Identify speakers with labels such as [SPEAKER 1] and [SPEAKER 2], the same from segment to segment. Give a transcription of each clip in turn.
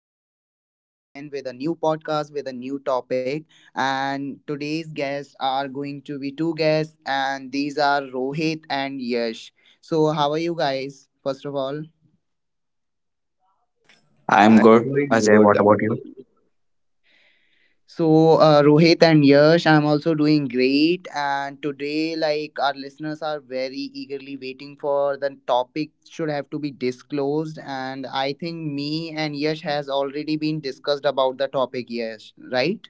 [SPEAKER 1] I came back again with a new podcast with a new topic. And today's guests are going to be two guests, and these are Rohit and Yash. So, how are you guys, first of all?
[SPEAKER 2] I'm
[SPEAKER 3] I'm
[SPEAKER 2] good.
[SPEAKER 3] doing
[SPEAKER 2] Ajay,
[SPEAKER 3] good.
[SPEAKER 2] what about
[SPEAKER 3] I'm
[SPEAKER 2] you?
[SPEAKER 3] doing
[SPEAKER 1] So, Rohit and Yash, I'm also doing great. And today, like our listeners are very eagerly waiting for the topic should have to be disclosed. And I think me and Yash has already been discussed about the topic, Yash, right?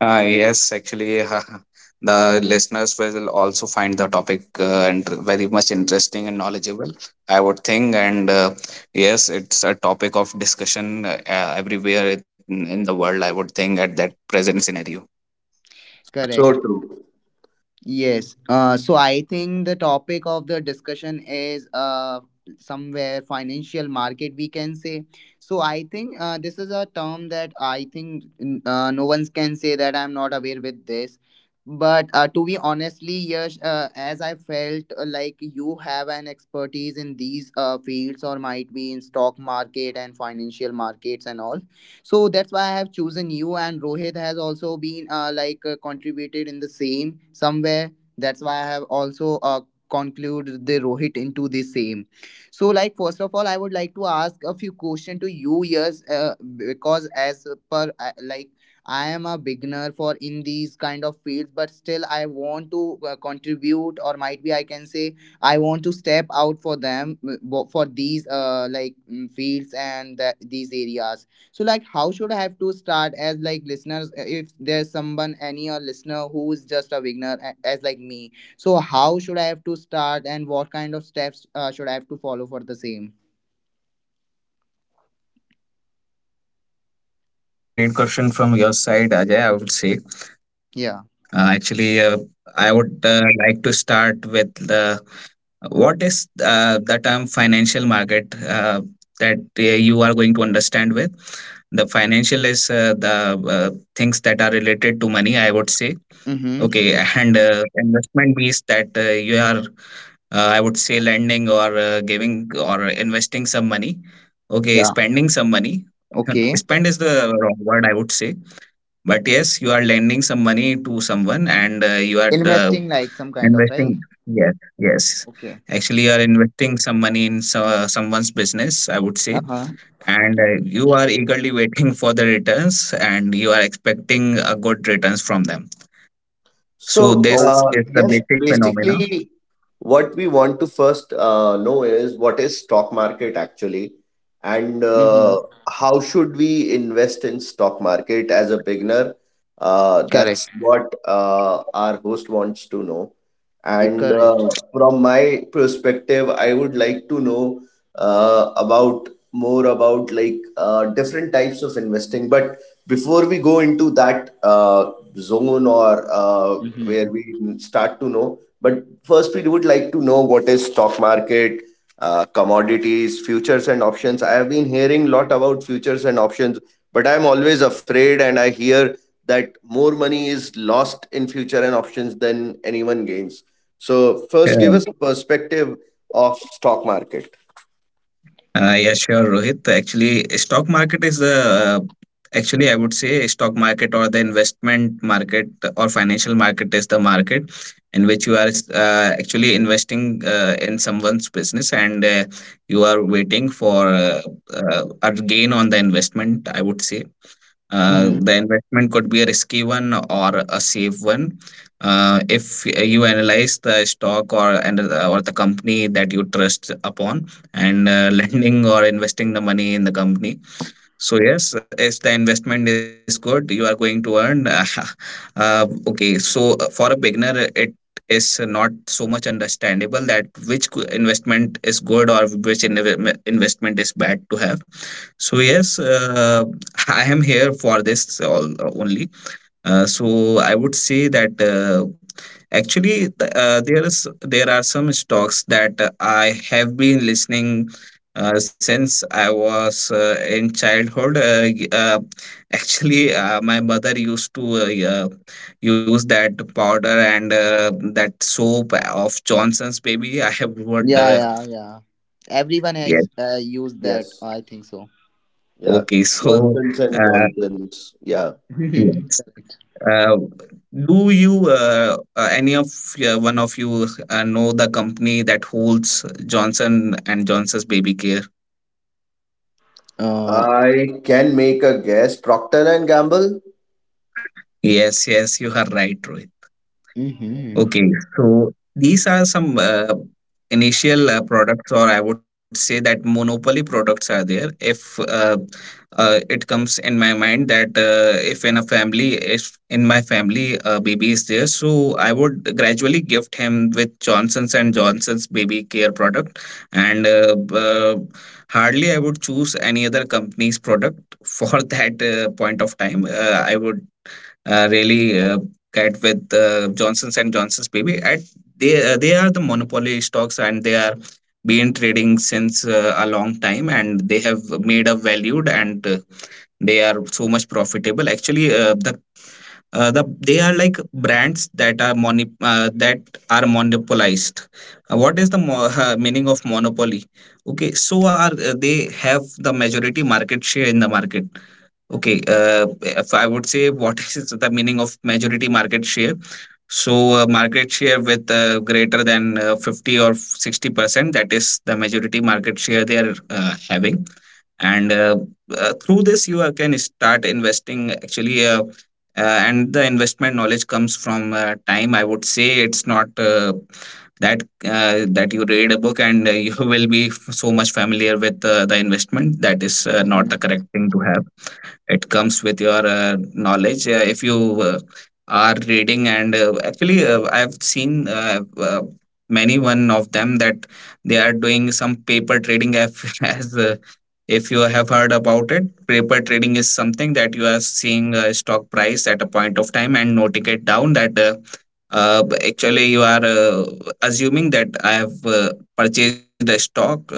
[SPEAKER 2] Yes, actually, the listeners will also find the topic and very much interesting and knowledgeable, I would think. It's a topic of discussion everywhere in the world, I would think, at that present scenario.
[SPEAKER 3] so
[SPEAKER 1] Correct.
[SPEAKER 3] true.
[SPEAKER 1] Yes. So I think the topic of the discussion is somewhere financial market, we can say. So I think this is a term that I think no one can say that I'm not aware with this. But to be honestly, Yash, as I felt like you have an expertise in these fields or might be in stock market and financial markets and all, so that's why I have chosen you, and Rohit has also been contributed in the same somewhere. That's why I have also conclude the Rohit into the same. So like first of all I would like to ask a few question to you, yes because as per like I am a beginner for in these kind of fields, but still I want to contribute, or might be I can say I want to step out for them, for these fields and that these areas. So like how should I have to start as like listeners if there's someone any or listener who is just a beginner as like me. So how should I have to start, and what kind of steps should I have to follow for the same?
[SPEAKER 2] Yes, actually, a great question from your side, Ajay. I would say, actually, I
[SPEAKER 1] Yeah.
[SPEAKER 2] would like to start with the what is the term financial market that you are going to understand with? The financial is the things that are related to money, I would say. Okay, and
[SPEAKER 1] Mhm.
[SPEAKER 2] uh, investment means that you are, I would say, lending or giving or investing some money. Okay, spending
[SPEAKER 1] Yeah.
[SPEAKER 2] some money. Spend
[SPEAKER 1] Okay.
[SPEAKER 2] is the wrong word, I would say. But yes, you are lending some money to someone and you are
[SPEAKER 1] Investing like some kind of,
[SPEAKER 2] investing,
[SPEAKER 1] right.
[SPEAKER 2] yes, yes.
[SPEAKER 1] Okay.
[SPEAKER 2] Actually, you are investing some money in someone's business, I would
[SPEAKER 1] Uh
[SPEAKER 2] say,
[SPEAKER 1] huh.
[SPEAKER 2] and you are eagerly waiting for the returns and you are expecting a good returns from them. So,
[SPEAKER 3] So,
[SPEAKER 1] Okay.
[SPEAKER 2] this is the
[SPEAKER 3] yes,
[SPEAKER 2] basic phenomena.
[SPEAKER 3] basically, what we want to first know is what is stock market actually, and
[SPEAKER 1] Mhm.
[SPEAKER 3] how should we invest in stock market as a beginner? Uh,
[SPEAKER 1] Correct.
[SPEAKER 3] that's what our host wants to know. And
[SPEAKER 1] Correct.
[SPEAKER 3] from my perspective, I would like to know about more about like different types of investing. But before we go into that zone or
[SPEAKER 1] Mhm.
[SPEAKER 3] where we start to know. But first, we would like to know what is stock market, commodities, futures and options. I have been hearing lot about futures and options, but I'm always afraid, and I hear that more money is lost in future and options than anyone gains. So first, give us a perspective of stock market.
[SPEAKER 2] Yeah, sure, Rohit. Actually, stock market is a actually I would say stock market or the investment market or financial market is the market in which you are actually investing in someone's business and you are waiting for a gain on the investment. I would say
[SPEAKER 1] Mhm.
[SPEAKER 2] the investment could be a risky one or a safe one. If you analyze the stock or and or the company that you trust upon and lending or investing the money in the company. So yes, if the investment is good, you are going to earn. Okay, so for a beginner, it is not so much understandable that which co- investment is good or which inve- investment is bad to have so yes, I am here for this all only. So I would say that actually there is there are some stocks that I have been listening since I was in childhood. Actually, my mother used to use that powder and that soap of Johnson's Baby. I have heard.
[SPEAKER 1] Yeah, yeah, yeah. Everyone has
[SPEAKER 2] Yes.
[SPEAKER 1] used that,
[SPEAKER 3] Yes.
[SPEAKER 1] I think so.
[SPEAKER 3] Yeah.
[SPEAKER 2] Okay. So.
[SPEAKER 3] Johnson's and
[SPEAKER 2] Uh,
[SPEAKER 3] Johnson's. Yeah.
[SPEAKER 2] yes.
[SPEAKER 1] Correct.
[SPEAKER 2] Uh, do you any of one of you know the company that holds Johnson and Johnson's baby care?
[SPEAKER 1] Uh.
[SPEAKER 3] I can make a guess. Procter and Gamble.
[SPEAKER 2] Yes, yes, you are right, Rohit.
[SPEAKER 1] Mhm.
[SPEAKER 2] Okay, so these are some initial products, or I would say that monopoly products are there. If it comes in my mind that if in a family, if in my family a baby is there, so I would gradually gift him with Johnson's and Johnson's baby care product, and hardly I would choose any other company's product for that point of time. I would really get with Johnson's and Johnson's baby. At they are the monopoly stocks and they are been trading since a long time and they have made a valued and they are so much profitable. Actually, they are like brands that are that are monopolized. What is the mo- meaning of monopoly? Okay, so are they have the majority market share in the market. Okay, if I would say what is the meaning of majority market share? So, market share with greater than 50 or 60%, that is the majority market share they are having. And through this, you can start investing actually. And the investment knowledge comes from time. I would say it's not that you read a book and you will be f- so much familiar with the investment. That is not the correct thing to have it comes with your knowledge if you uh, are reading and actually I've seen uh, many one of them that they are doing some paper trading as, as if you have heard about it paper trading is something that you are seeing a stock price at a point of time and noting it down that actually you are assuming that I have purchased a stock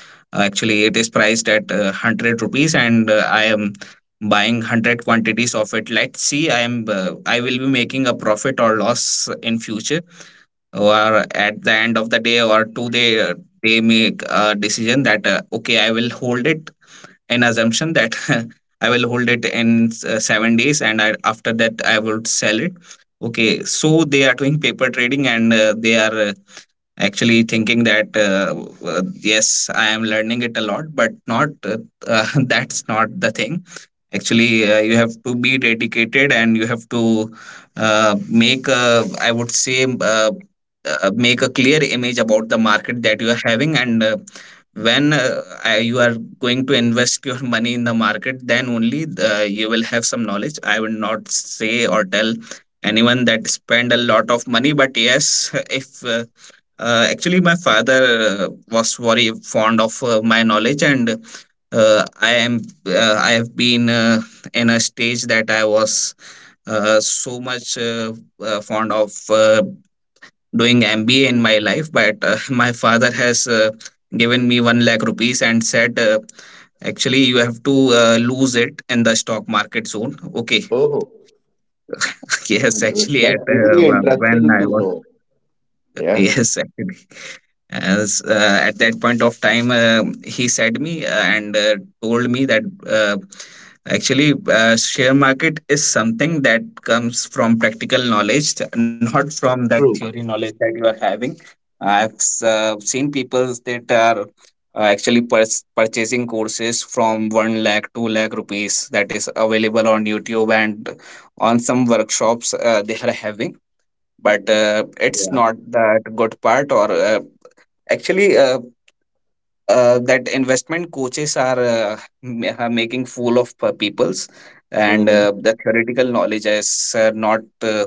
[SPEAKER 2] actually it is priced at 100 rupees and I am buying 100 quantities of it, let's see, I will be making a profit or loss in future or at the end of the day or two day. Uh, they make a decision that okay, I will hold it in assumption that I will hold it in 7 days and after that I would sell it. Okay, so they are doing paper trading and they are actually thinking that yes, I am learning it a lot but not uh, that's not the thing. Actually, you have to be dedicated and you have to uh, make a, I would say, make a clear image about the market that you are having and when you are going to invest your money in the market, then only you will have some knowledge. I will not say or tell anyone that spend a lot of money, but yes, if actually my father was very fond of my knowledge and uh, I am I have been in a stage that I was so much fond of doing MBA in my life, but my father has given me 1 lakh rupees and said, actually you have to lose it in the stock market zone. Okay,
[SPEAKER 3] Oh.
[SPEAKER 2] yes, actually at
[SPEAKER 3] That's really
[SPEAKER 2] when
[SPEAKER 3] interesting
[SPEAKER 2] I
[SPEAKER 3] to
[SPEAKER 2] was
[SPEAKER 3] know. Yeah,
[SPEAKER 2] yes, actually as at that point of time he said me and told me that uh, actually share market is something that comes from practical knowledge, not from that theory
[SPEAKER 3] true.
[SPEAKER 2] knowledge that you are having. I've seen people that are actually pur- purchasing courses from 1 lakh 2 lakh rupees that is available on YouTube and on some workshops they are having, but it's not
[SPEAKER 3] Yeah,
[SPEAKER 2] that good part or actually that investment coaches are, are making fool of peoples and
[SPEAKER 3] hmm
[SPEAKER 2] the theoretical knowledge is not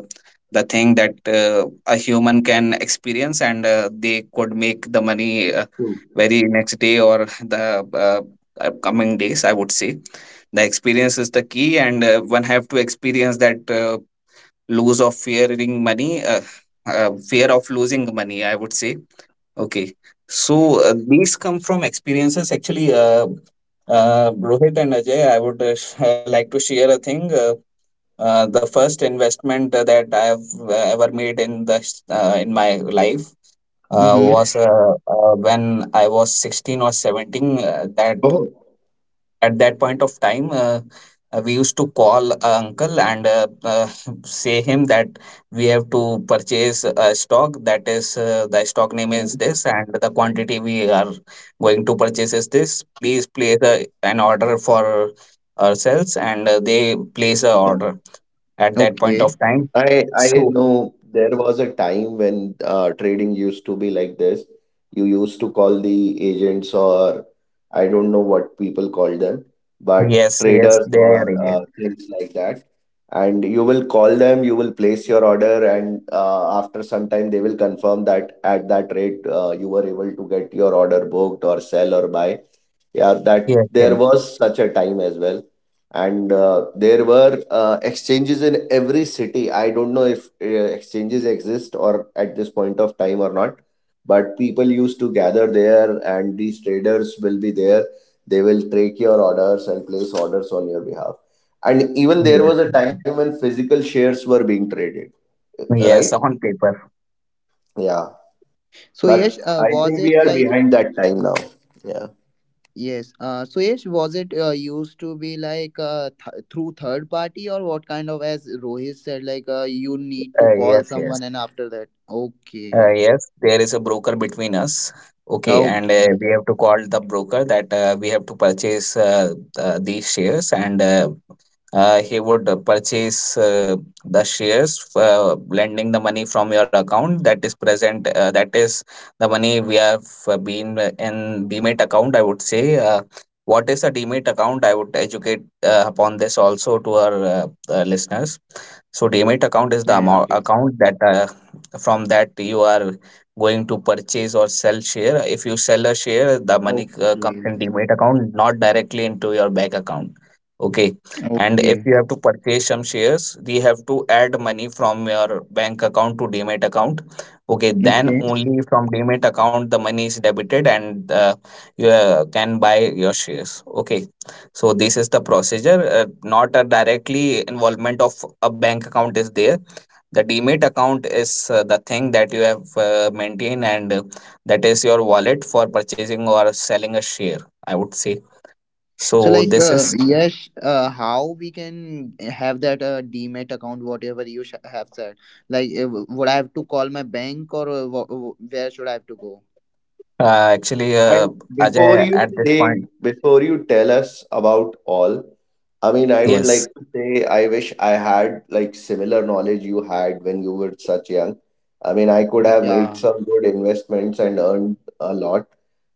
[SPEAKER 2] the thing that a human can experience and they could make the money
[SPEAKER 3] true.
[SPEAKER 2] very next day or the upcoming days, I would say. The experience is the key and one have to experience that lose of fearing money, fear of losing money I would say. Okay. So these come from experiences actually. Rohit and Ajay, I would like to share a thing. The first investment that I have ever made in in my life uh,
[SPEAKER 1] Mm-hmm.
[SPEAKER 2] was uh, uh, when I was 16 or 17, that
[SPEAKER 3] Oh,
[SPEAKER 2] at that point of time, we used to call uncle and say him that we have to purchase a stock that is the stock name
[SPEAKER 3] mhm.
[SPEAKER 2] is this and the quantity we are going to purchase is this, please place an order for ourselves and they place a order at that point of
[SPEAKER 1] Okay.
[SPEAKER 2] time.
[SPEAKER 3] I
[SPEAKER 2] So
[SPEAKER 3] know there was a time when trading used to be like this. You used to call the agents or I don't know what people call them, but
[SPEAKER 2] yes, yes,
[SPEAKER 3] traders
[SPEAKER 2] they are
[SPEAKER 3] or
[SPEAKER 2] again.
[SPEAKER 3] things like that. And you will call them, you will place your order, and after some time they will confirm that at that rate you were able to get your order booked or sell or buy. Yeah, that
[SPEAKER 2] Yes,
[SPEAKER 3] there
[SPEAKER 2] yes.
[SPEAKER 3] was such a time as well. And there were exchanges in every city. I don't know if exchanges exist or at this point of time or not. But people used to gather there and these traders will be there. They will take your orders and place orders on your behalf. And even there was
[SPEAKER 2] Yes,
[SPEAKER 3] a time when physical shares were being traded, right?
[SPEAKER 2] yes, on paper.
[SPEAKER 3] Yeah,
[SPEAKER 1] So
[SPEAKER 3] but
[SPEAKER 1] yes,
[SPEAKER 3] I think
[SPEAKER 1] was
[SPEAKER 3] we
[SPEAKER 1] it
[SPEAKER 3] are
[SPEAKER 1] like
[SPEAKER 3] behind that time now. Yeah.
[SPEAKER 1] yes? So yes, was it used to be like through third party or what kind of? As Rohit said, like you need to
[SPEAKER 2] uh,
[SPEAKER 1] call
[SPEAKER 2] yes yes
[SPEAKER 1] someone and after that. Okay.
[SPEAKER 2] Yes, there is a broker between us. Okay,
[SPEAKER 1] Okay.
[SPEAKER 2] and we have to call the broker that we have to purchase these shares, and he would purchase the shares, lending the money from your account that is present. That is the money we have been in demat account. I would say, what is a demat account? I would educate upon this also to our listeners. So demat account is the
[SPEAKER 1] Yeah, yeah.
[SPEAKER 2] amount
[SPEAKER 1] Please.
[SPEAKER 2] account that from that you are going to purchase or sell share. If you sell a share, the money comes
[SPEAKER 1] Okay.
[SPEAKER 2] in demat account, not directly into your bank account. Okay, and if
[SPEAKER 1] Okay.
[SPEAKER 2] you have to purchase some shares, you have to add money from your bank account to demat account. Okay, then
[SPEAKER 1] Okay.
[SPEAKER 2] only from demat account the money is debited and you can buy your shares. Okay, so this is the procedure not a directly involvement of a bank account is there, the demat account is the thing that you have maintained and that is your wallet for purchasing or selling a share, I would say.
[SPEAKER 1] So
[SPEAKER 2] So
[SPEAKER 1] like
[SPEAKER 2] this is
[SPEAKER 1] yes, how we can have that demat account? Whatever you have said, like would I have to call my bank, or where should I have to go?
[SPEAKER 2] actually
[SPEAKER 3] And
[SPEAKER 2] Ajay, at this point,
[SPEAKER 3] before you tell us about all, I mean, I would
[SPEAKER 2] yes.
[SPEAKER 3] like to say I wish I had like similar knowledge you had when you were such young. I mean, I could have made
[SPEAKER 1] Yeah.
[SPEAKER 3] some good investments and earned a lot,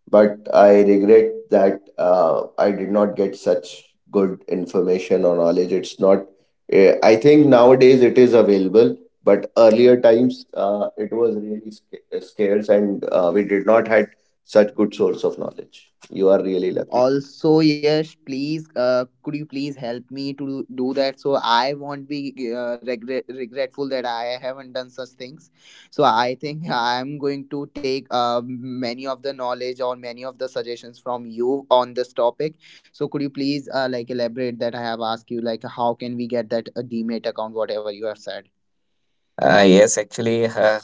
[SPEAKER 3] but I regret that I did not get such good information or knowledge. It's not, I think nowadays it is available, but earlier times it was really scarce and we did not had such good source of knowledge. You are really lucky.
[SPEAKER 1] Also, yes, please, could you please help me to do that so I won't be regret regretful that I haven't done such things. So I think I'm going to take many of the knowledge or many of the suggestions from you on this topic. So could you please like elaborate that I have asked you like how can we get that demat account whatever you have said.
[SPEAKER 2] Uh, yes, actually, uh,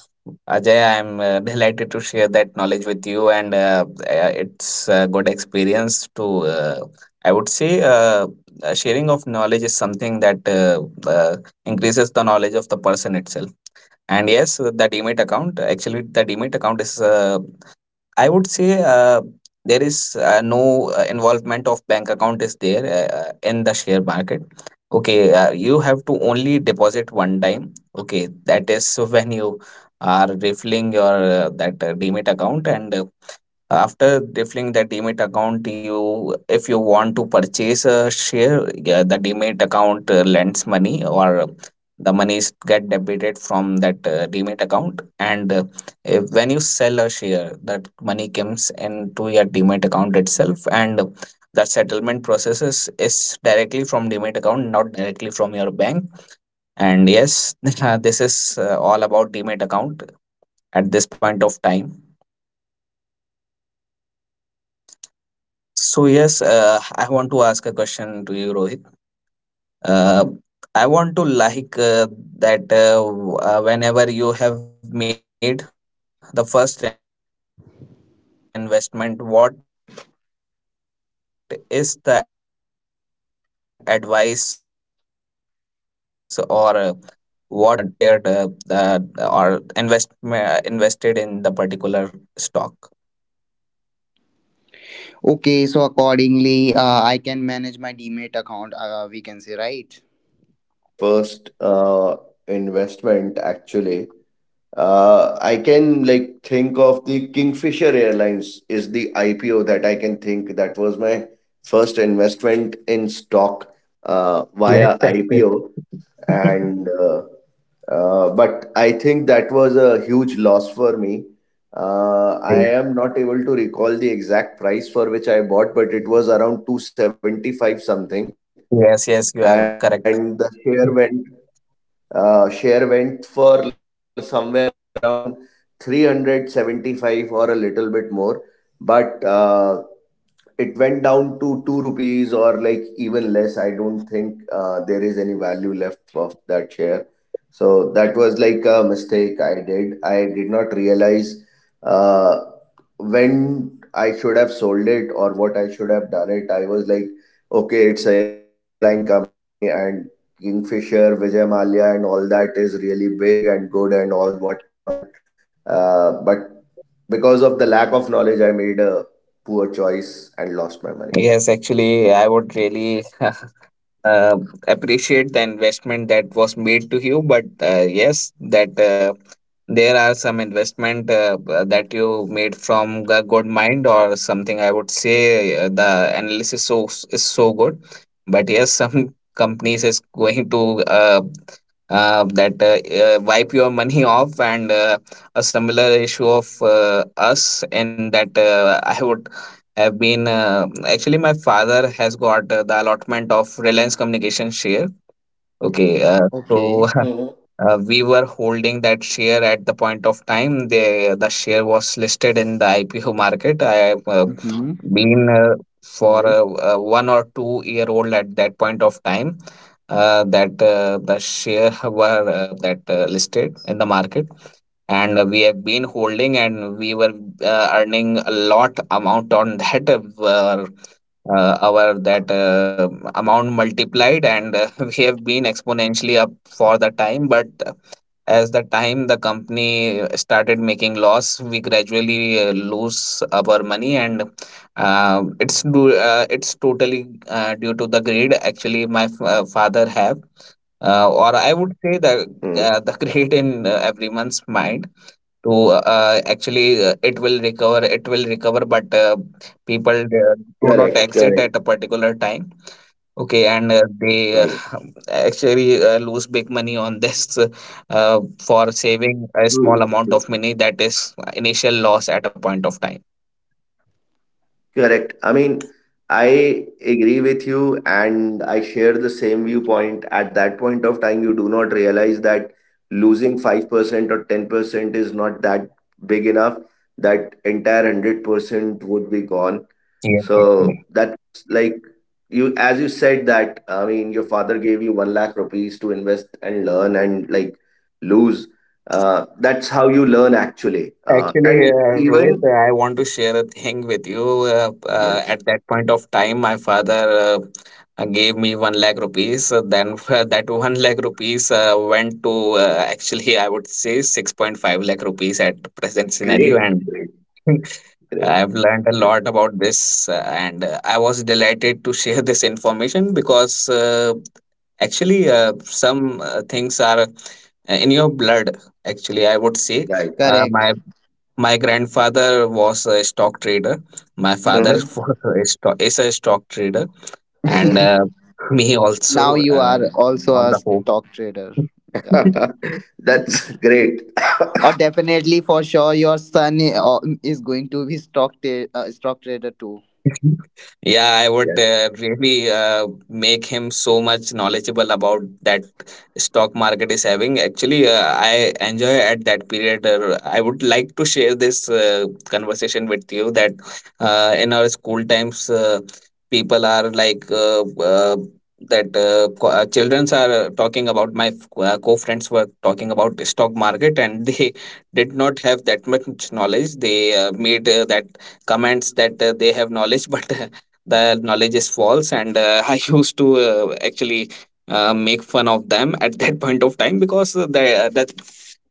[SPEAKER 2] Ajay, I'm delighted to share that knowledge with you, and it's a good experience to. I would say, sharing of knowledge is something that uh, increases the knowledge of the person itself. And yes, the Demat account, actually, the Demat account is. I would say. There is no involvement of bank account is there in the share market. Okay, you have to only deposit one time. Okay, that is when you are refilling your that Demat account, and after defining the Demat account, you, if you want to purchase a share, yeah, the Demat account lends money, or the monies get debited from that Demat account. And if, when you sell a share, that money comes into your Demat account itself, and the settlement processes is directly from Demat account, not directly from your bank. And yes, this is all about Demat account at this point of time.
[SPEAKER 3] That's true.
[SPEAKER 2] So
[SPEAKER 3] Uh,
[SPEAKER 2] yes, I want to ask a question to you, Rohit.
[SPEAKER 3] yes.
[SPEAKER 2] Uh, I want to like that whenever you have made the first investment, what is the advice or what is the key that you have? I would say the decision that you have taken at that point of time, and you have shared or invested in the particular stock.
[SPEAKER 3] I mean,
[SPEAKER 1] Okay, so accordingly,
[SPEAKER 3] I
[SPEAKER 1] I
[SPEAKER 3] it's
[SPEAKER 1] can
[SPEAKER 3] really
[SPEAKER 1] manage my
[SPEAKER 3] difficult
[SPEAKER 1] Demat
[SPEAKER 3] for
[SPEAKER 1] account,
[SPEAKER 3] me to
[SPEAKER 1] We can say,
[SPEAKER 3] recall
[SPEAKER 1] right.
[SPEAKER 3] what was my first investment actually. I can like think of the Kingfisher Airlines is the IPO that I can think that was my first investment in stock
[SPEAKER 2] Yes,
[SPEAKER 3] via
[SPEAKER 2] thank
[SPEAKER 3] IPO.
[SPEAKER 2] you.
[SPEAKER 3] And but I think that was a huge loss for me. I am not able to recall the exact price for which I bought, but it was around 275 something,
[SPEAKER 2] Yes, yes, you are
[SPEAKER 3] and the
[SPEAKER 2] correct.
[SPEAKER 3] share went for somewhere around 375 or a little bit more. But it went down to 2 rupees or like even less. I don't think there is any value left of that share. So that was like a mistake. I did not realize uh, when I should have sold it or what I should have done it. I was like, okay, it's a airline company and Kingfisher, Vijay Malia, and all that is really big and good and all, what not. But because of the lack of knowledge I made a poor choice and lost my money.
[SPEAKER 2] Yes, actually, I would really uh, appreciate the investment that was made to you. But yes, that there are some investment that you made from the good mind or something. I would say the analysis so is so good, but yes, some companies is going to that wipe your money off, and a similar issue of us in that I would have been actually, my father has got the allotment of Reliance Communication share. Okay,
[SPEAKER 1] Okay.
[SPEAKER 2] so
[SPEAKER 3] Mm-hmm.
[SPEAKER 2] we were holding that share at the point of time. They the share was listed in the IPO market. I have
[SPEAKER 1] Mm-hmm.
[SPEAKER 2] been for
[SPEAKER 3] Mhm.
[SPEAKER 2] 1 or 2 year old at that point of time, that the share were that listed in the market, and we have been holding and we were earning a lot amount on that, our that amount multiplied, and we have been exponentially up for the time, but as the time the company started making loss, we gradually lose our money, and it's totally due to the greed. Actually, father have or I would say
[SPEAKER 3] Hmm.
[SPEAKER 2] the greed in everyone's mind to actually, it will recover, it will recover, but people do not
[SPEAKER 3] Correct,
[SPEAKER 2] exit at
[SPEAKER 3] correct,
[SPEAKER 2] a particular time. Okay, and they
[SPEAKER 3] right.
[SPEAKER 2] actually lose big money on this for saving a small
[SPEAKER 3] True,
[SPEAKER 2] amount
[SPEAKER 3] true.
[SPEAKER 2] of money, that is initial loss at a point of time.
[SPEAKER 3] Correct. I mean, I agree with you, and I share the same viewpoint. At that point of time, you do not realize that losing 5% or 10% is not that big enough. That entire 100% would be gone.
[SPEAKER 2] Yes, actually.
[SPEAKER 3] So that's like you, as you said that, I mean, your father gave you 1 lakh rupees to invest and learn and like lose. That's how you learn actually. Uh,
[SPEAKER 2] Actually,
[SPEAKER 3] and
[SPEAKER 2] Rohit, I
[SPEAKER 3] even,
[SPEAKER 2] want to share a thing with you. At that
[SPEAKER 3] yes,
[SPEAKER 2] point of time, my father gave me one lakh rupees. Then that one lakh rupees went to actually, I would say 6.5 lakh rupees at present scenario. And
[SPEAKER 3] great, great,
[SPEAKER 2] I've
[SPEAKER 3] great,
[SPEAKER 2] learned a lot
[SPEAKER 3] great.
[SPEAKER 2] about this, and I was delighted to share this information because actually, some things are in your blood. Actually, I would say
[SPEAKER 3] Right.
[SPEAKER 2] uh,
[SPEAKER 1] Correct.
[SPEAKER 2] my my grandfather was a stock trader. My father
[SPEAKER 1] Mm-hmm.
[SPEAKER 3] Mm-hmm,
[SPEAKER 2] was a stock, is a stock trader, and me
[SPEAKER 1] Now
[SPEAKER 2] also
[SPEAKER 1] you are also
[SPEAKER 2] on
[SPEAKER 1] a
[SPEAKER 2] the whole.
[SPEAKER 1] stock trader. Yeah.
[SPEAKER 3] mm-hmm. That's great.
[SPEAKER 1] Or definitely for sure, your son is going to be stock trader too.
[SPEAKER 2] Yeah, I would
[SPEAKER 3] Yes.
[SPEAKER 2] really make him so much knowledgeable about that stock market is having. Actually, I enjoy at that period. I would like to share this conversation with you that in our school times, people are like that childrens are talking about co-friends were talking about the stock market, and they did not have that much knowledge. They made that comments that they have knowledge, but the knowledge is false, and I used to actually make fun of them at that point of time, because they that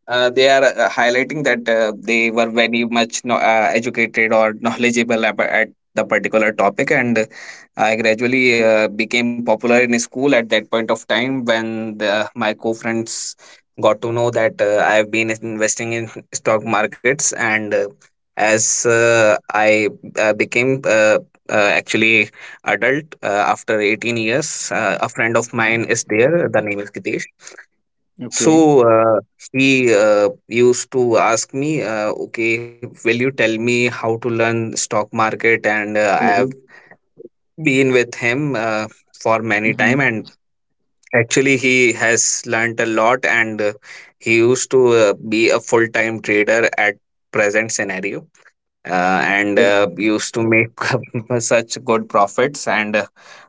[SPEAKER 2] they are highlighting that they were very much no, educated or knowledgeable at the particular topic, and I gradually became popular in school at that point of time when the, my co-friends got to know that I have been investing in stock markets, and as I became actually adult after 18 years. A friend of mine
[SPEAKER 1] Mm-hmm.
[SPEAKER 2] is there. The name is Kitesh. So
[SPEAKER 1] Okay.
[SPEAKER 2] he used to ask me, okay, will you tell me how to learn stock market? And I have
[SPEAKER 3] Mm-hmm.
[SPEAKER 2] been with him for many
[SPEAKER 1] Mm-hmm.
[SPEAKER 2] time, and actually he has learnt a lot. And he used to be a full time trader at present scenario, and
[SPEAKER 3] Yes.
[SPEAKER 2] used to make such good profits, and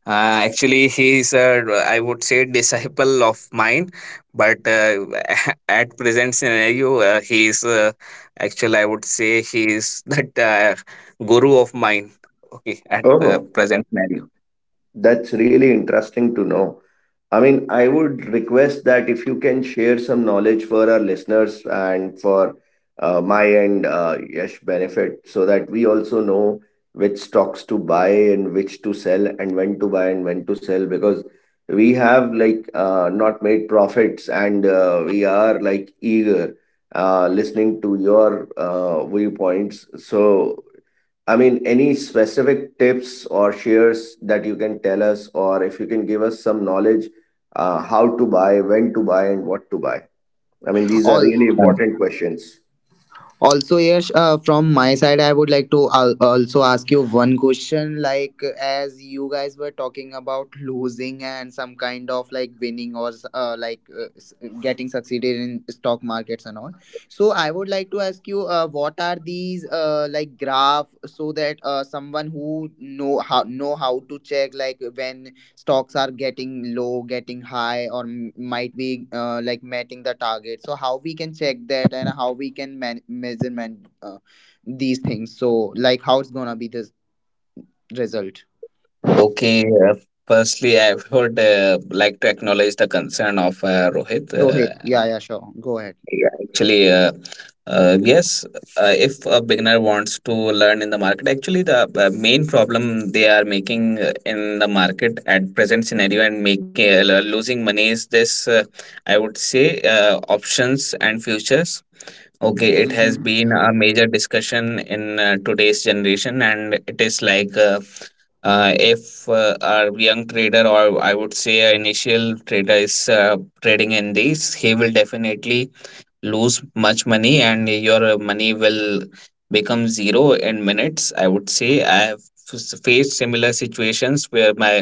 [SPEAKER 2] actually he's I would say disciple of mine, but at present scenario, he is actually I would say he is that guru of mine. Okay, at the
[SPEAKER 3] Oh.
[SPEAKER 2] present scenario.
[SPEAKER 3] That's really interesting to know. I mean, I would request that if you can share some knowledge for our listeners and for my and Yash benefit so that we also know which stocks to buy and which to sell and when to buy and when to sell because we have like not made profits and we are like eager listening to your viewpoints. So I mean, any specific tips or shares that you can tell us, or if you can give us some knowledge, how to buy, when to buy, and what to buy? I mean, these are
[SPEAKER 1] All.
[SPEAKER 3] really
[SPEAKER 2] Uh,
[SPEAKER 3] important questions.
[SPEAKER 1] Also, Yash, from my side, I would like to also ask you one question. Like, as you guys were talking about losing and some kind of like winning or getting succeeded in stock markets and all. So, I would like to ask you, what are these like graph so that someone who know how to check like when stocks are getting low getting high or might be like meeting the target, so how we can check that and how we can measurement these things, so like how it's gonna be this result.
[SPEAKER 2] okay uh, firstly I would like to acknowledge the concern of Rohit.
[SPEAKER 1] Rohit, yeah, yeah, sure, go ahead.
[SPEAKER 2] Actually, uh, yes, if a beginner wants to learn in the market, actually, the main problem they are making in the market at present scenario and making losing money is this, I would say, options and futures. Okay, it has
[SPEAKER 1] Mm-hmm.
[SPEAKER 2] been a major discussion in today's generation, and it is like if a young trader, or I would say an initial trader is trading in these, he will definitely lose much money, and your money will become zero in minutes. I would say I have faced similar situations where my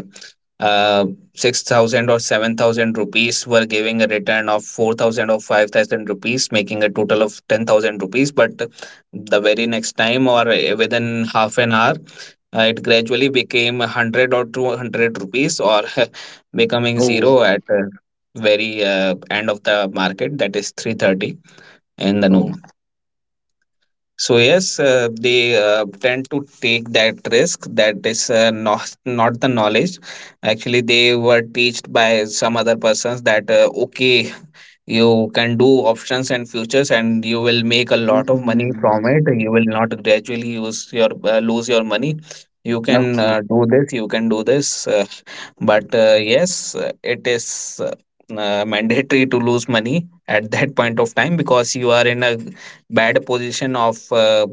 [SPEAKER 2] uh 6,000 or 7,000 rupees were giving a return of 4,000 or 5,000 rupees, making a total of 10,000 rupees, but the very next time, or within half an hour, it gradually became 100 or 200 rupees, or becoming
[SPEAKER 1] Oh.
[SPEAKER 2] zero at very end of the market, that is 330 in the
[SPEAKER 1] Oh.
[SPEAKER 2] noon. So yes, they tend to take that risk. That is not the knowledge. Actually, they were taught by some other persons that okay, you can do options and futures, and you will make a lot of money
[SPEAKER 1] Mm-hmm.
[SPEAKER 2] from it. You will not gradually use your lose your money. You can
[SPEAKER 1] Okay.
[SPEAKER 2] do this. You can do this. But yes, it is mandatory to lose money at that point of time, because you are in a bad position of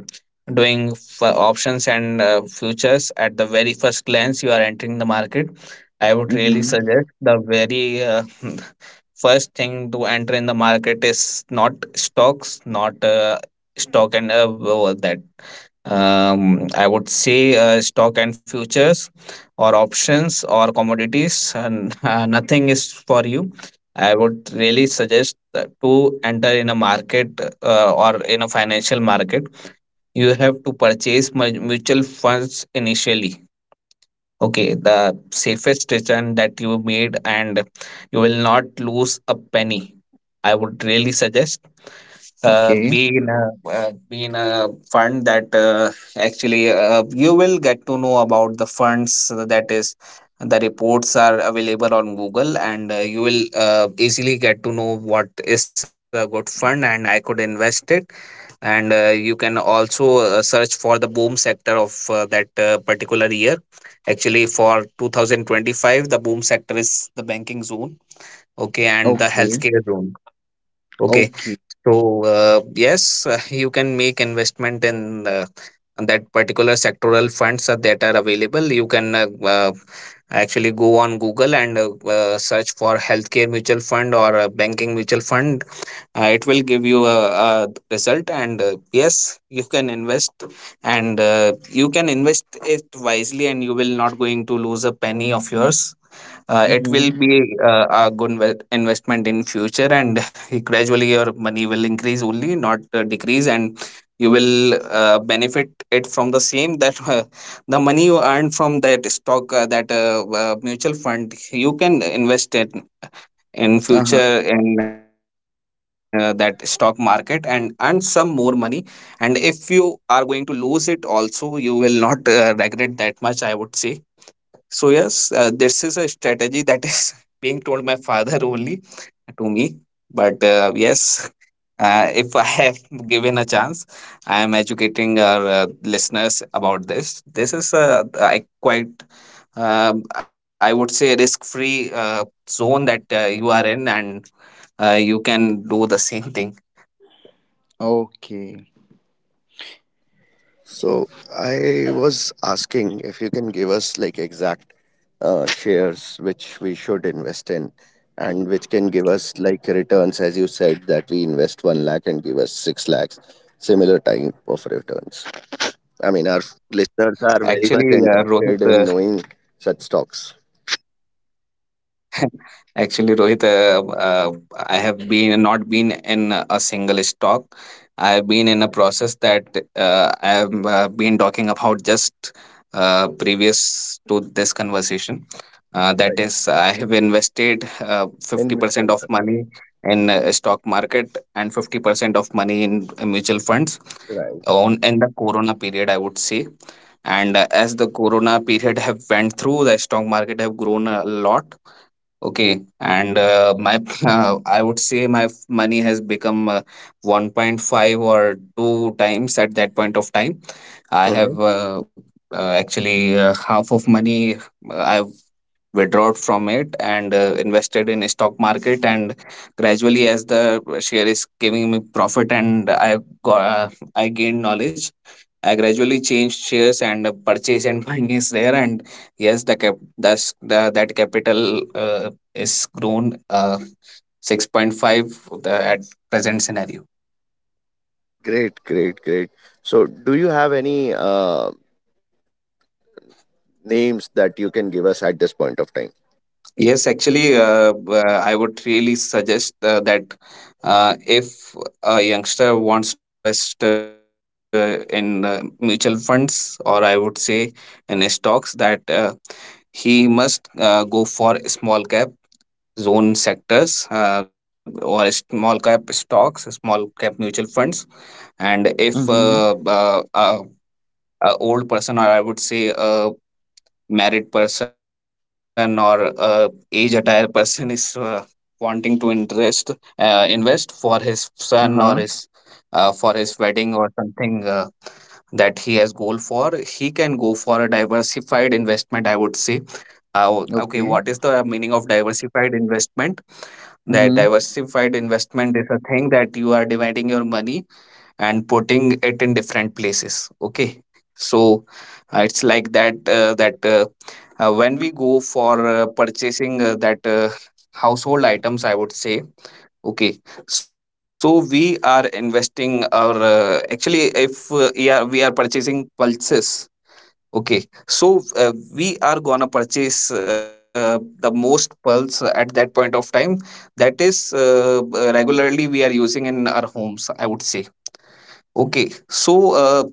[SPEAKER 2] doing options and futures at the very first glance you are entering the market. I would really
[SPEAKER 1] Mm-hmm.
[SPEAKER 2] suggest the very first thing to enter in the market is not stocks, not stock and what was that, I would say stock and futures or options or commodities. And nothing is for you. I would really suggest that to enter in a market or in a financial market, you have to purchase mutual funds initially. Okay, the safest decision that you made, and you will not lose a penny. I would really suggest
[SPEAKER 1] Okay.
[SPEAKER 2] be in a fund that actually you will get to know about the funds, that is, the reports are available on Google, and you will easily get to know what is a good fund and I could invest it. And you can also search for the boom sector of that particular year. Actually, for 2025 the boom sector is the banking zone, okay, and the
[SPEAKER 1] Okay.
[SPEAKER 2] healthcare zone. Okay.
[SPEAKER 1] Okay.
[SPEAKER 2] So yes, you can make investment in that particular sectoral funds that are available. You can actually go on Google and search for healthcare mutual fund or banking mutual fund. It will give you a result, and yes, you can invest. And you can invest it wisely, and you will not going to lose a penny of yours. It will
[SPEAKER 1] Mm-hmm.
[SPEAKER 2] be a good investment in future, and gradually your money will increase only, not decrease. And you will benefit it from the same, that the money you earn from that stock, that mutual fund, you can invest it in
[SPEAKER 1] Uh-huh.
[SPEAKER 2] future in that stock market and earn some more money. And if you are going to lose it also, you will not regret that much, I would say. So yes, this is a strategy that is being told my father only, to me. But yes, if I have given a chance, I am educating our listeners about this. This is I quite, I would say, risk free zone that you are in, and you can do the same thing.
[SPEAKER 1] Okay.
[SPEAKER 3] So I was asking if you can give us like exact shares which we should invest in and which can give us like returns as you said that we invest 1 lakh and give us 6 lakhs similar type of returns. I mean, our listeners
[SPEAKER 2] Actually, uh,
[SPEAKER 3] are very
[SPEAKER 2] Rohit,
[SPEAKER 3] much
[SPEAKER 2] uh,
[SPEAKER 3] interested in knowing such stocks,
[SPEAKER 2] actually, Rohit, I have been not been in a single stock. I have been in a process that I have been talking about just previous to this conversation. That
[SPEAKER 3] right?
[SPEAKER 2] is, I have invested
[SPEAKER 3] In
[SPEAKER 2] 50%
[SPEAKER 3] mutual
[SPEAKER 2] of
[SPEAKER 3] funds,
[SPEAKER 2] money in stock market and 50% of money in mutual funds
[SPEAKER 3] right?
[SPEAKER 2] on in the corona period, I would say. And as the corona period have went through, the stock market have grown a lot. Okay, and my I would say my money has become 1.5 or 2 times at that point of time. I have,
[SPEAKER 3] Mhm.
[SPEAKER 2] actually, half of money, I've withdrawn from it and invested in stock market. And gradually as the share is giving me profit, and got uh, I gained knowledge. I gradually changed shares, and purchase and buying is there. And yes, the capital is grown 6.5, at present scenario.
[SPEAKER 3] Great, great, great. So, do you have any names that you can give us at this point of time?
[SPEAKER 2] Yes, actually, I would really suggest that if a youngster wants to invest in mutual funds, or I would say in stocks, that he must go for small cap zone sectors, or small cap stocks, small cap mutual funds. And if
[SPEAKER 1] Mm-hmm.
[SPEAKER 2] a old person, or I would say a married person, or a age attire person, is wanting to interest invest for his son or
[SPEAKER 1] Uh-huh.
[SPEAKER 2] his for his wedding or something, that he has goal for, he can go for a diversified investment, I would say. Okay, what is
[SPEAKER 1] Okay.
[SPEAKER 2] the meaning of diversified investment? That
[SPEAKER 1] Mm-hmm.
[SPEAKER 2] diversified investment is a thing that you are dividing your money and putting it in different places. Okay. So it's like that, when we go for purchasing, that household items, I would say. Okay, so we are investing our, actually if, yeah, we are purchasing pulses. Okay, so we are gonna purchase the most pulse at that point of time. That is regularly we are using in our homes, I would say. Okay, so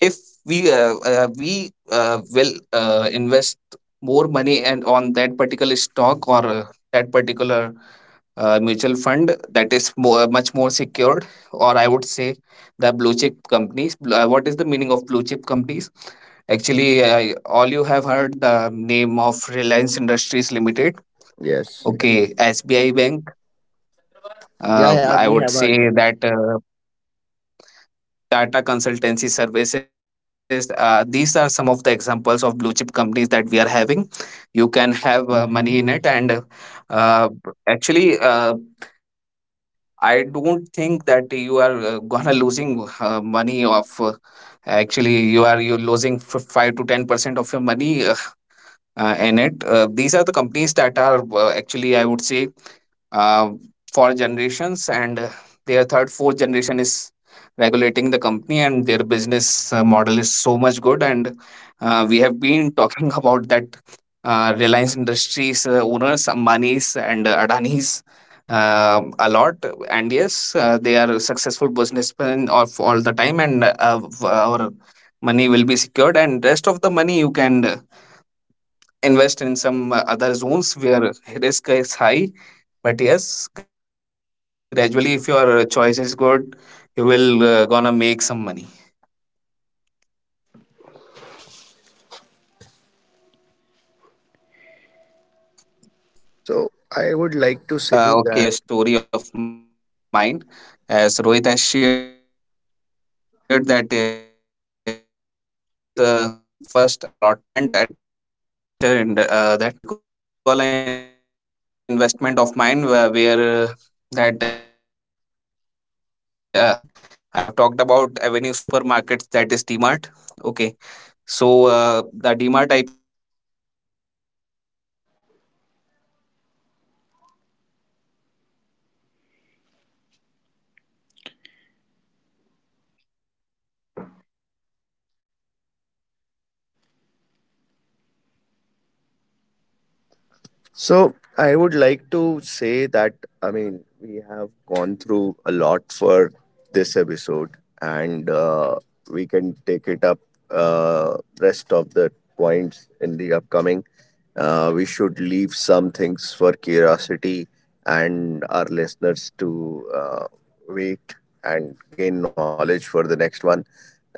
[SPEAKER 2] if we will invest more money and on that particular stock or that particular mutual fund that is much more secured, or I would say, the blue chip companies. What is the meaning of blue chip companies? Actually, all you have heard the name of Reliance Industries Limited.
[SPEAKER 3] Yes, yes.
[SPEAKER 2] Okay, SBI Bank,
[SPEAKER 1] Yeah, yeah,
[SPEAKER 2] I
[SPEAKER 1] we
[SPEAKER 2] would
[SPEAKER 1] have
[SPEAKER 2] say,
[SPEAKER 1] heard that.
[SPEAKER 2] that Tata Consultancy Services. These are some of the examples of blue chip companies that we are having. You can have money in it,
[SPEAKER 1] Mm-hmm.
[SPEAKER 2] and uh, actually, I don't think that you are gonna losing money of. Actually, you losing 5 to 10% of your money in it. These are the companies that are actually, I would say, uh, for generations, and their third, fourth generation is regulating the company, and their business model is so much good. And we have been talking about that Reliance Industries owners, Ambani's and Adani's, a lot. And yes, they are successful businessmen of all the time, and our money will be secured, and rest of the money you can, invest in some other zones where risk is high. But yes, gradually if your choice is good, you will gonna make some money. Okay, I would like to
[SPEAKER 3] So,
[SPEAKER 2] uh,
[SPEAKER 3] I would like to say
[SPEAKER 2] actually recall
[SPEAKER 3] that.
[SPEAKER 2] a story of mine, as Rohit has shared that he has got his first allotment at that Kingfisher, and that at that point of time, and he lost money. I recall an investment of mine, where that I have talked about Avenue Supermarkets, that is DMart. Okay, so the DMart IPO was there back in 2014 or 15, I would say. And my father at that point of time was not doing stock market. He's focusing on his business. But yes, I was giving gaining so much of knowledge at that point of time for stock market, and I have the, that made my father
[SPEAKER 3] So,
[SPEAKER 2] agree
[SPEAKER 3] I
[SPEAKER 2] to
[SPEAKER 3] would like
[SPEAKER 2] this,
[SPEAKER 3] to
[SPEAKER 2] that
[SPEAKER 3] say
[SPEAKER 2] we will
[SPEAKER 3] that. I mean,
[SPEAKER 2] share, we
[SPEAKER 3] we
[SPEAKER 2] will
[SPEAKER 3] have gone
[SPEAKER 2] invest
[SPEAKER 3] through a lot
[SPEAKER 2] or
[SPEAKER 3] for
[SPEAKER 2] apply for a
[SPEAKER 3] this
[SPEAKER 2] IPO
[SPEAKER 3] episode,
[SPEAKER 2] at Avenue
[SPEAKER 3] and
[SPEAKER 2] Supermarket or
[SPEAKER 3] we
[SPEAKER 2] DMart.
[SPEAKER 3] can take it up
[SPEAKER 2] Okay, and
[SPEAKER 3] uh,
[SPEAKER 2] the
[SPEAKER 3] rest of the
[SPEAKER 2] proportion went
[SPEAKER 3] points in the
[SPEAKER 2] that much
[SPEAKER 3] upcoming.
[SPEAKER 2] high, and
[SPEAKER 3] We should
[SPEAKER 2] people
[SPEAKER 3] leave
[SPEAKER 2] have
[SPEAKER 3] some things
[SPEAKER 2] participated
[SPEAKER 3] for
[SPEAKER 2] a lot.
[SPEAKER 3] curiosity
[SPEAKER 2] That
[SPEAKER 3] and
[SPEAKER 2] from
[SPEAKER 3] our listeners
[SPEAKER 2] 106
[SPEAKER 3] to
[SPEAKER 2] persons, only
[SPEAKER 3] wait
[SPEAKER 2] one person
[SPEAKER 3] and
[SPEAKER 2] is
[SPEAKER 3] gain
[SPEAKER 2] gaining
[SPEAKER 3] knowledge for the
[SPEAKER 2] that
[SPEAKER 3] next one.
[SPEAKER 2] shares,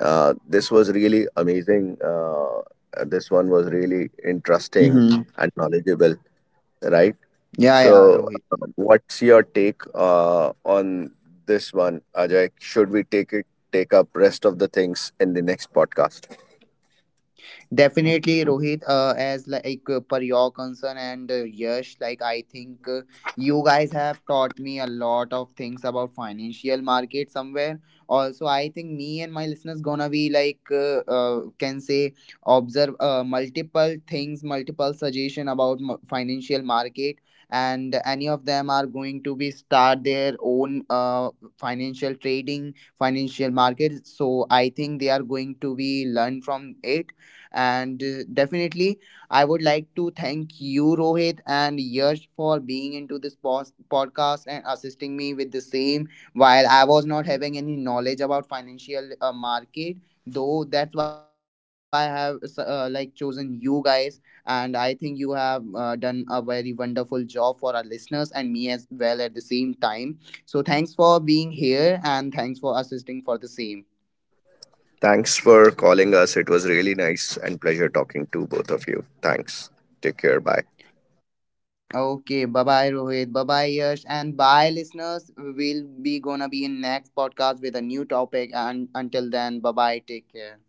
[SPEAKER 2] I would say.
[SPEAKER 3] this was really
[SPEAKER 2] Okay,
[SPEAKER 3] amazing.
[SPEAKER 2] only one person is
[SPEAKER 3] Uh,
[SPEAKER 2] allotted with
[SPEAKER 3] this
[SPEAKER 2] the
[SPEAKER 3] one was
[SPEAKER 2] shares,
[SPEAKER 3] really
[SPEAKER 2] rest 105
[SPEAKER 3] interesting
[SPEAKER 1] Mm-hmm.
[SPEAKER 3] and
[SPEAKER 2] applications
[SPEAKER 3] knowledgeable,
[SPEAKER 2] were gone off,
[SPEAKER 3] right?
[SPEAKER 2] and their
[SPEAKER 1] Yeah,
[SPEAKER 2] money
[SPEAKER 1] yeah,
[SPEAKER 2] will
[SPEAKER 3] So,
[SPEAKER 2] be
[SPEAKER 1] Rohit.
[SPEAKER 2] given off
[SPEAKER 3] what's
[SPEAKER 2] to
[SPEAKER 3] your
[SPEAKER 2] them,
[SPEAKER 3] take
[SPEAKER 2] and only one
[SPEAKER 3] on
[SPEAKER 2] person will
[SPEAKER 3] this
[SPEAKER 2] gain
[SPEAKER 3] one,
[SPEAKER 2] the
[SPEAKER 3] Ajay?
[SPEAKER 2] shares.
[SPEAKER 3] Should we
[SPEAKER 2] Okay, at
[SPEAKER 3] take up
[SPEAKER 2] that point
[SPEAKER 3] rest
[SPEAKER 2] of
[SPEAKER 3] of the
[SPEAKER 2] time, we
[SPEAKER 3] things
[SPEAKER 2] have
[SPEAKER 3] in the
[SPEAKER 2] gained
[SPEAKER 3] next podcast?
[SPEAKER 2] 20,000 on a
[SPEAKER 1] Definitely,
[SPEAKER 2] 15,000
[SPEAKER 1] Rohit.
[SPEAKER 2] investment, and the
[SPEAKER 1] As like
[SPEAKER 2] money,
[SPEAKER 1] per
[SPEAKER 2] the
[SPEAKER 1] your
[SPEAKER 2] sum,
[SPEAKER 1] concern and
[SPEAKER 2] was
[SPEAKER 1] Yash, like
[SPEAKER 2] 34
[SPEAKER 1] I think
[SPEAKER 2] 5,000 for
[SPEAKER 1] you guys have
[SPEAKER 2] 50,000,
[SPEAKER 1] taught me a lot
[SPEAKER 2] 15,000
[SPEAKER 1] of
[SPEAKER 2] that we have
[SPEAKER 1] things about
[SPEAKER 2] invested in.
[SPEAKER 1] financial market somewhere.
[SPEAKER 2] That's
[SPEAKER 1] Also, I
[SPEAKER 2] I would
[SPEAKER 1] think me
[SPEAKER 2] say,
[SPEAKER 1] and my listeners gonna
[SPEAKER 2] a
[SPEAKER 1] be
[SPEAKER 2] really
[SPEAKER 1] like
[SPEAKER 2] great experience. And
[SPEAKER 1] can
[SPEAKER 2] at
[SPEAKER 1] say
[SPEAKER 2] that point of
[SPEAKER 1] observe
[SPEAKER 2] time the
[SPEAKER 1] multiple
[SPEAKER 2] confidence
[SPEAKER 1] things, multiple
[SPEAKER 2] boosted
[SPEAKER 1] suggestion
[SPEAKER 2] in
[SPEAKER 1] about financial
[SPEAKER 2] it in
[SPEAKER 1] market,
[SPEAKER 2] me, and
[SPEAKER 1] and any
[SPEAKER 2] yes,
[SPEAKER 1] of
[SPEAKER 2] I
[SPEAKER 1] them
[SPEAKER 2] have
[SPEAKER 1] are
[SPEAKER 2] gained
[SPEAKER 1] going to
[SPEAKER 2] some
[SPEAKER 1] be
[SPEAKER 2] knowledge from
[SPEAKER 1] start their
[SPEAKER 2] that
[SPEAKER 1] own
[SPEAKER 2] particular task also.
[SPEAKER 1] financial trading, financial market. So I think they are going to be learn from it, and definitely, I would like to thank
[SPEAKER 2] So
[SPEAKER 1] you,
[SPEAKER 2] I think
[SPEAKER 1] Rohit
[SPEAKER 2] it's
[SPEAKER 1] and
[SPEAKER 2] time to
[SPEAKER 1] Yash,
[SPEAKER 2] wrap up.
[SPEAKER 1] for being into this
[SPEAKER 2] It's nice talking to
[SPEAKER 1] podcast and
[SPEAKER 2] you, Rohit,
[SPEAKER 1] assisting me
[SPEAKER 2] and
[SPEAKER 1] with the same.
[SPEAKER 2] Ajay.
[SPEAKER 1] While I was not
[SPEAKER 2] And
[SPEAKER 1] having any knowledge about
[SPEAKER 2] yeah, I
[SPEAKER 1] financial
[SPEAKER 2] would like to
[SPEAKER 1] market,
[SPEAKER 2] make my
[SPEAKER 1] though that's why I have like chosen you guys, and I think you have done a very wonderful job for our listeners and me as well at the same time. So thanks for being here and thanks for assisting for the same.
[SPEAKER 3] Thanks for calling us. It was really nice and pleasure talking to both of you. Thanks. Take care. Bye.
[SPEAKER 1] Okay, bye bye Rohit, bye bye Yash, and bye listeners. We'll be gonna be in next podcast with a new topic, and until then, bye bye. Take care.